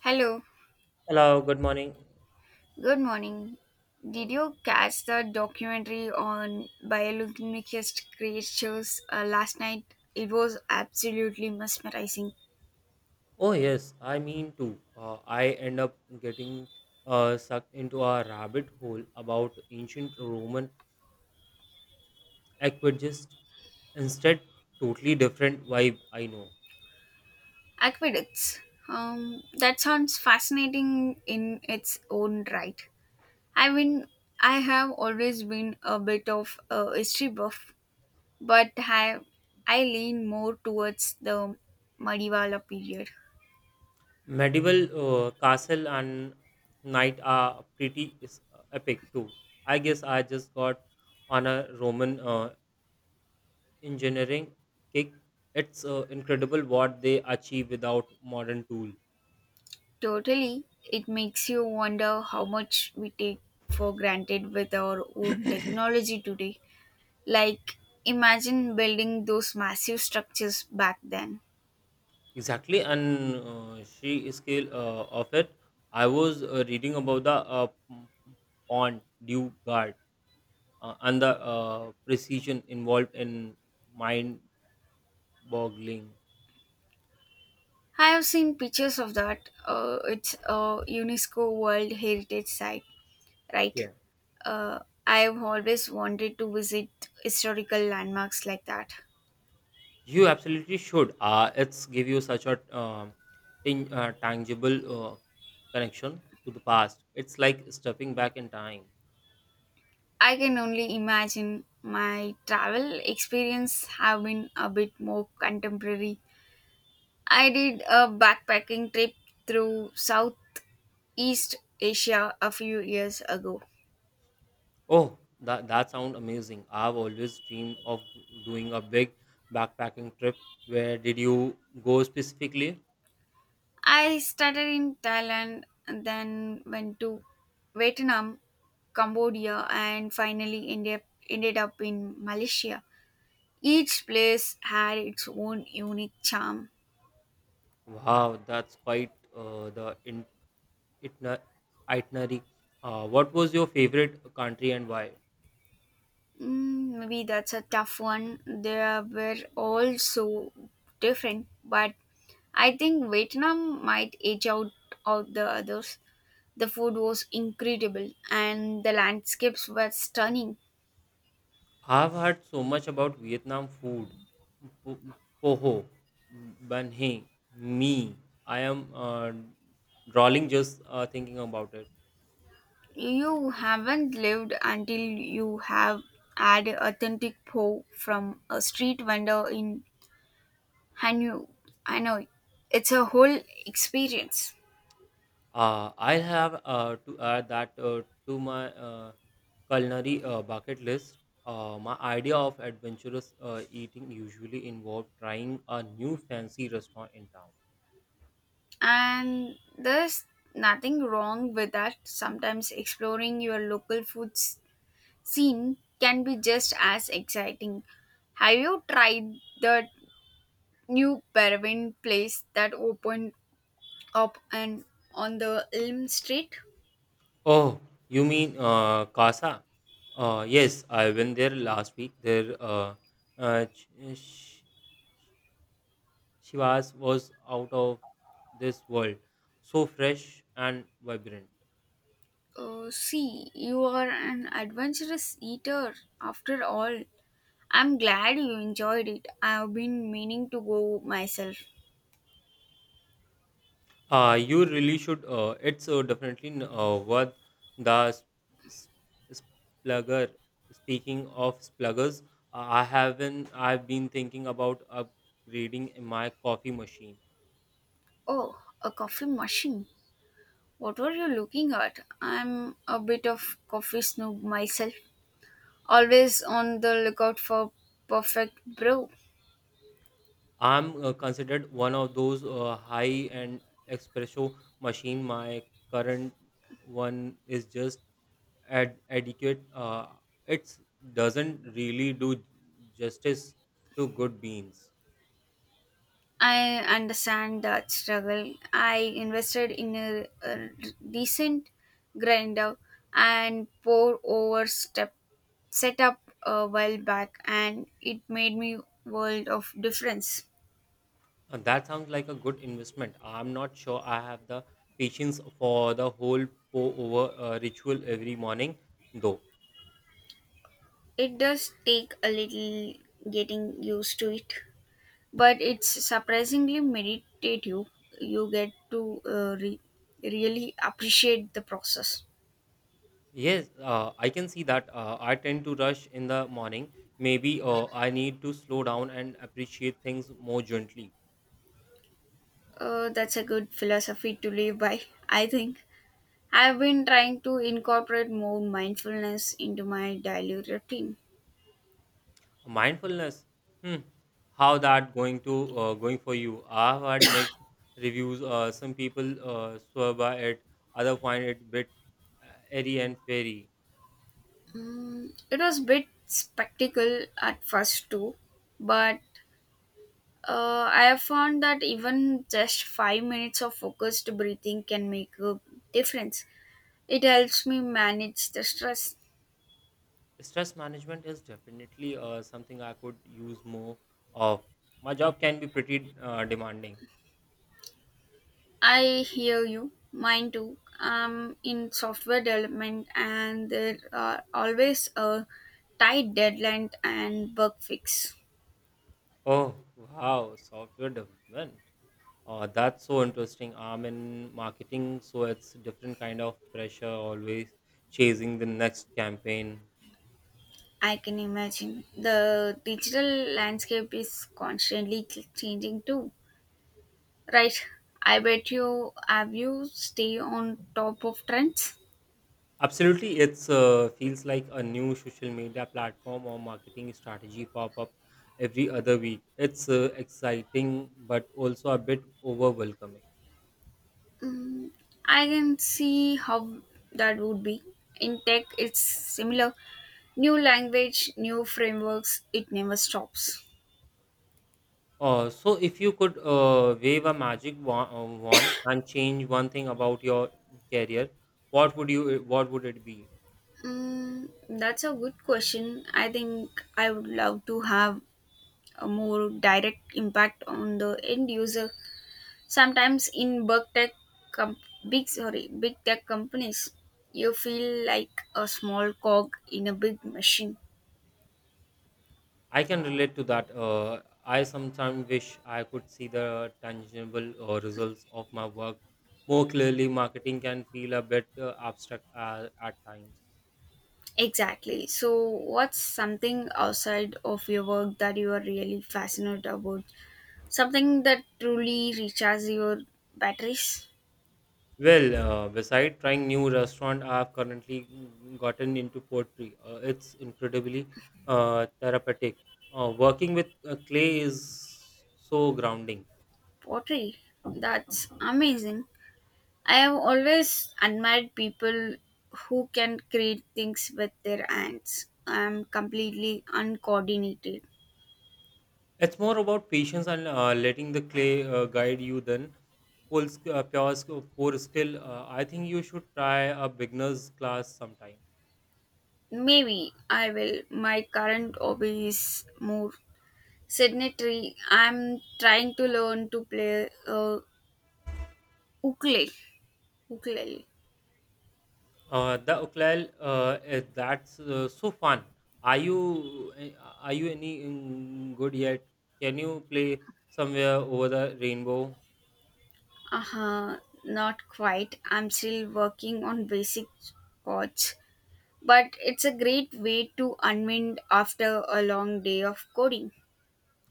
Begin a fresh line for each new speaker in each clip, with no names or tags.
Hello,
Hello, good morning.
good morning.
Uh,
Did you catch the documentary on bioluminescent creatures last night? It was absolutely mesmerizing.
Oh, yes, I mean too. I end up getting sucked into a rabbit hole about ancient Roman aqueducts instead, totally different vibe, I know.
Aqueducts. That sounds fascinating in its own right. I mean, I have always been a bit of a history buff, but I lean more towards the Madiwala period.
Medieval castle and knight are pretty epic too. I guess I just got on a Roman engineering kick. It's incredible what they achieve without modern tools.
Totally. It makes you wonder how much we take for granted with our own technology today. Like, imagine building those massive structures back then.
Exactly, and she scale of it. I was reading about the pawn due guard and the precision involved in mind-boggling.
I have seen pictures of that. It's a UNESCO World Heritage Site, right?
Okay.
Uh, I have always wanted to visit historical landmarks like that.
You absolutely should. It's give you such a um tangible connection to the past. It's like stepping back in time.
I can only imagine my travel experience have been a bit more contemporary. I did a backpacking trip through Southeast Asia a few years ago.
Oh, that sounds amazing. I've always dreamed of doing a big backpacking trip. Where did you go specifically?
I started in Thailand and then went to Vietnam, Cambodia, and finally ended up in Malaysia. Each place had its own unique charm.
Wow, that's quite the itna- itinerary. What was your favorite country and why?
Maybe that's a tough one. They were all so different, but I think Vietnam might edge out all the others. The food was incredible and the landscapes were stunning.
I've heard so much about Vietnam food. Po- Poho, Banh Mi. I am drawing just thinking about it.
You haven't lived until you have had authentic po from a street vendor in Hanoi. Hanoi. It's a whole experience.
I have to add that to my culinary bucket list. My idea of adventurous eating usually involved trying a new fancy restaurant in town.
And there's nothing wrong with that. Sometimes exploring your local food scene can be just as exciting. Have you tried the new Peruvian place that opened up and on the Elm Street?
Oh, you mean Casa? Yes, I went there last week. Their uh, ch- sh- Shivas was out of this world, so fresh and vibrant.
Oh, see, you are an adventurous eater after all. I'm glad you enjoyed it. I've been meaning to go myself.
You really should. It's definitely worth the s- splugger. Speaking of spluggers, I haven't. I've been thinking about upgrading my coffee machine.
Oh, a coffee machine. What were you looking at? I'm a bit of coffee snob myself. Always on the lookout for perfect brew.
I'm considered one of those high-end espresso machine. My current one is just adequate. It doesn't really do justice to good beans.
I understand that struggle. I invested in a decent grinder and pour over step setup a while back, and it made me world of difference.
That sounds like a good investment. I'm not sure I have the patience for the whole pour over ritual every morning, though.
It does take a little getting used to it, but it's surprisingly meditative. You get to really appreciate the process.
Yes, I can see that. I tend to rush in the morning. Maybe I need to slow down and appreciate things more gently.
That's a good philosophy to live by, I think. I've been trying to incorporate more mindfulness into my daily routine.
Mindfulness. Hmm. How that going to going for you? I've had mixed reviews. Some people swear by it. Other find it bit airy and fairy.
It was a bit spectacle at first too, but I have found that even just 5 minutes of focused breathing can make a difference. It helps me manage the stress.
Stress management is definitely something I could use more of. My job can be pretty demanding.
I hear you, mine too. I'm in software development, and there are always a tight deadline and bug fix.
Oh, wow, software development, that's so interesting. I'm in marketing, so it's different kind of pressure, always chasing the next campaign.
I can imagine. The digital landscape is constantly changing too. Right. I bet you have you stay on top of trends.
Absolutely, it's feels like a new social media platform or marketing strategy pop up every other week. It's exciting but also a bit overwhelming.
Mm, I can see how that would be. In tech, it's similar. New language, new frameworks, it never stops.
So if you could wave a magic wand and change one thing about your career, what would you? What would it be?
That's a good question. I think I would love to have a more direct impact on the end user. Sometimes in big tech, com- big sorry, big tech companies, you feel like a small cog in a big machine.
I can relate to that. I sometimes wish I could see the tangible results of my work more clearly. Marketing can feel a bit abstract at times.
Exactly. So, what's something outside of your work that you are really fascinated about? Something that truly recharges your batteries?
Well, beside trying new restaurant, I've currently gotten into pottery. It's incredibly therapeutic. Working with clay is so grounding.
Pottery. That's amazing. I have always admired people who can create things with their hands. I'm completely uncoordinated.
It's more about patience and letting the clay guide you than full sk- pure, sk- poor skill. I think you should try a beginner's class sometime.
Maybe I will. My current hobby is more sedentary. I'm trying to learn to play ukulele. Ukulele.
The ukulele, that's so fun. Are you eh, are you any good yet? Can you play somewhere over the rainbow?
Uh-huh. Not quite. I'm still working on basic chords, but it's a great way to unwind after a long day of coding.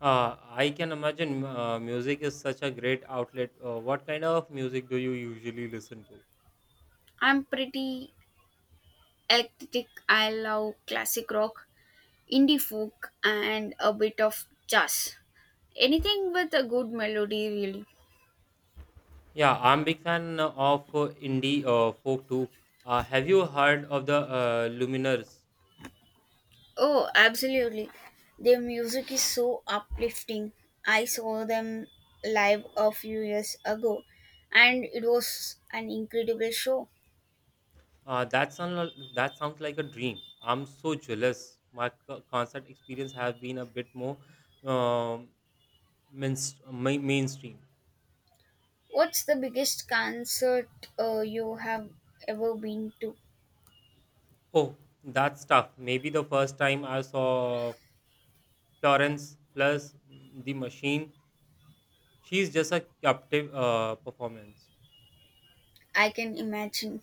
I can imagine music is such a great outlet. What kind of music do you usually listen to?
I'm pretty eclectic. I love classic rock, indie folk, and a bit of jazz. Anything with a good melody, really.
Yeah, I'm big fan of indie folk too. Have you heard of the Luminers?
Oh, absolutely. Their music is so uplifting. I saw them live a few years ago and it was an incredible show.
That sounds like a dream. I'm so jealous. My concert experience have been a bit more um, mainstream.
What's the biggest concert you have ever been to?
Oh, that's tough. Maybe the first time I saw Florence plus the machine, she's just a captive performance.
I can imagine.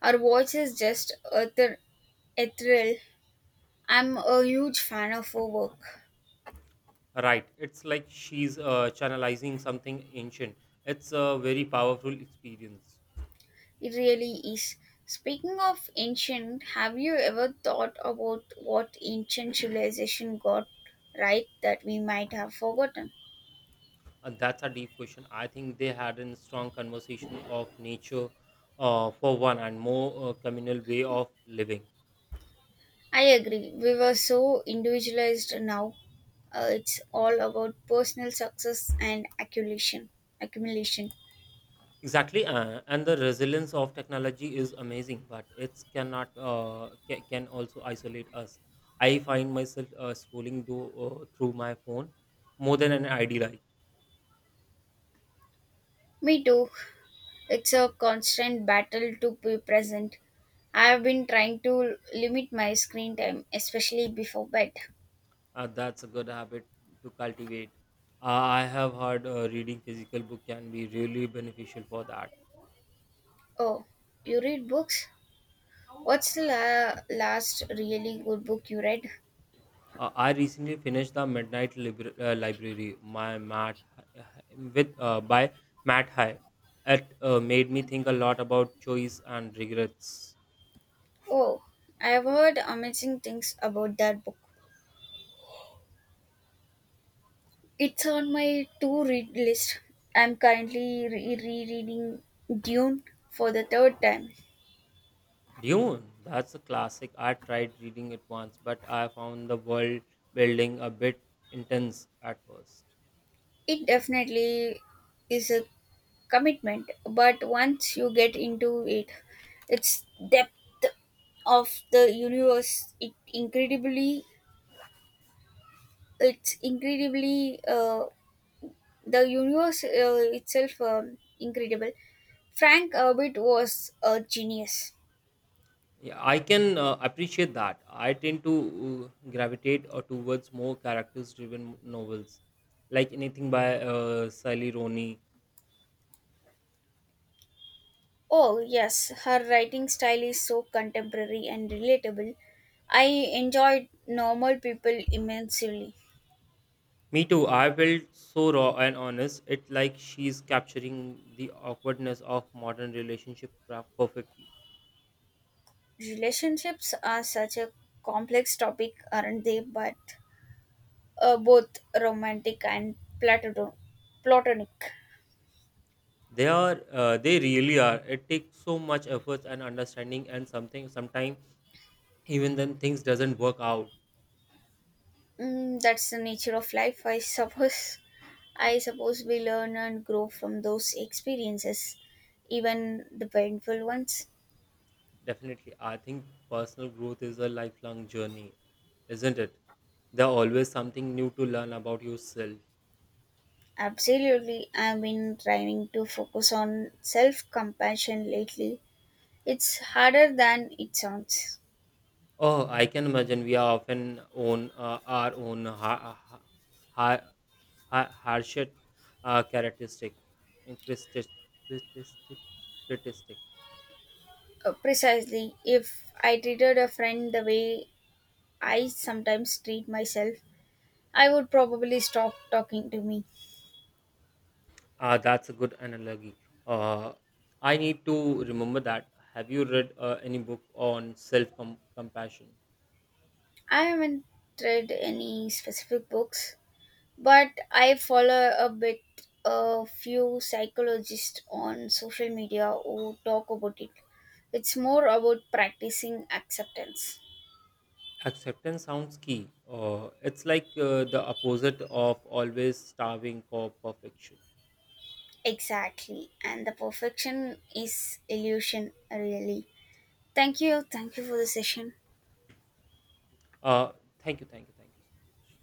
Her voice is just ethereal. I'm a huge fan of her work.
Right. It's like she's channelizing something ancient. It's a very powerful experience.
It really is. Speaking of ancient, have you ever thought about what ancient civilization got right that we might have forgotten?
That's a deep question. I think they had a strong conversation of nature for one and more communal way of living.
I agree. We were so individualized now. It's all about personal success and accumulation.
Exactly. And the resilience of technology is amazing, but it cannot can also isolate us. I find myself scrolling through my phone more than an ideal life.
Me too. It's a constant battle to be present. I have been trying to limit my screen time, especially before bed.
That's a good habit to cultivate. I have heard reading physical book can be really beneficial for that.
Oh, you read books? What's the last really good book you read?
I recently finished the Library my Matt with by Matt High. It made me think a lot about choice and regrets.
Oh, I've heard amazing things about that book. It's on my to read list. I'm currently rereading Dune for the third time.
Dune, that's a classic. I tried reading it once, but I found the world building a bit intense at first.
It definitely is a commitment, but once you get into it, its depth of the universe, it's incredibly the universe itself incredible. Frank Herbert was a genius.
Yeah, I can appreciate that. I tend to gravitate towards more characters-driven novels, like anything by Sally Rooney.
Oh yes, her writing style is so contemporary and relatable. I enjoyed Normal People immensely.
Me too. I felt so raw and honest. It's like she's capturing the awkwardness of modern relationship perfectly.
Relationships are such a complex topic, aren't they? But both romantic and platonic platonic.
They are, they really are. It takes so much effort and understanding, and something sometimes even then things doesn't work out.
That's the nature of life, I suppose. I suppose we learn and grow from those experiences, even the painful ones.
Definitely, I think personal growth is a lifelong journey, isn't it? There's always something new to learn about yourself.
Absolutely, I've been trying to focus on self compassion lately. It's harder than it sounds.
Oh, I can imagine we are often on our own ha- hardship characteristic christis- christistic critistic.
Precisely, if I treated a friend the way I sometimes treat myself, I would probably stop talking to me.
Uh, that's a good analogy. uh, I need to remember that. Have you read any book on self compassion?
I haven't read any specific books but I follow a few psychologists on social media who talk about it. It's more about practicing acceptance.
Acceptance sounds key. Uh, it's like the opposite of always starving for perfection.
Exactly. And the perfection is illusion, really. Thank you. Thank you for the session.
Uh, thank you thank you thank you so much.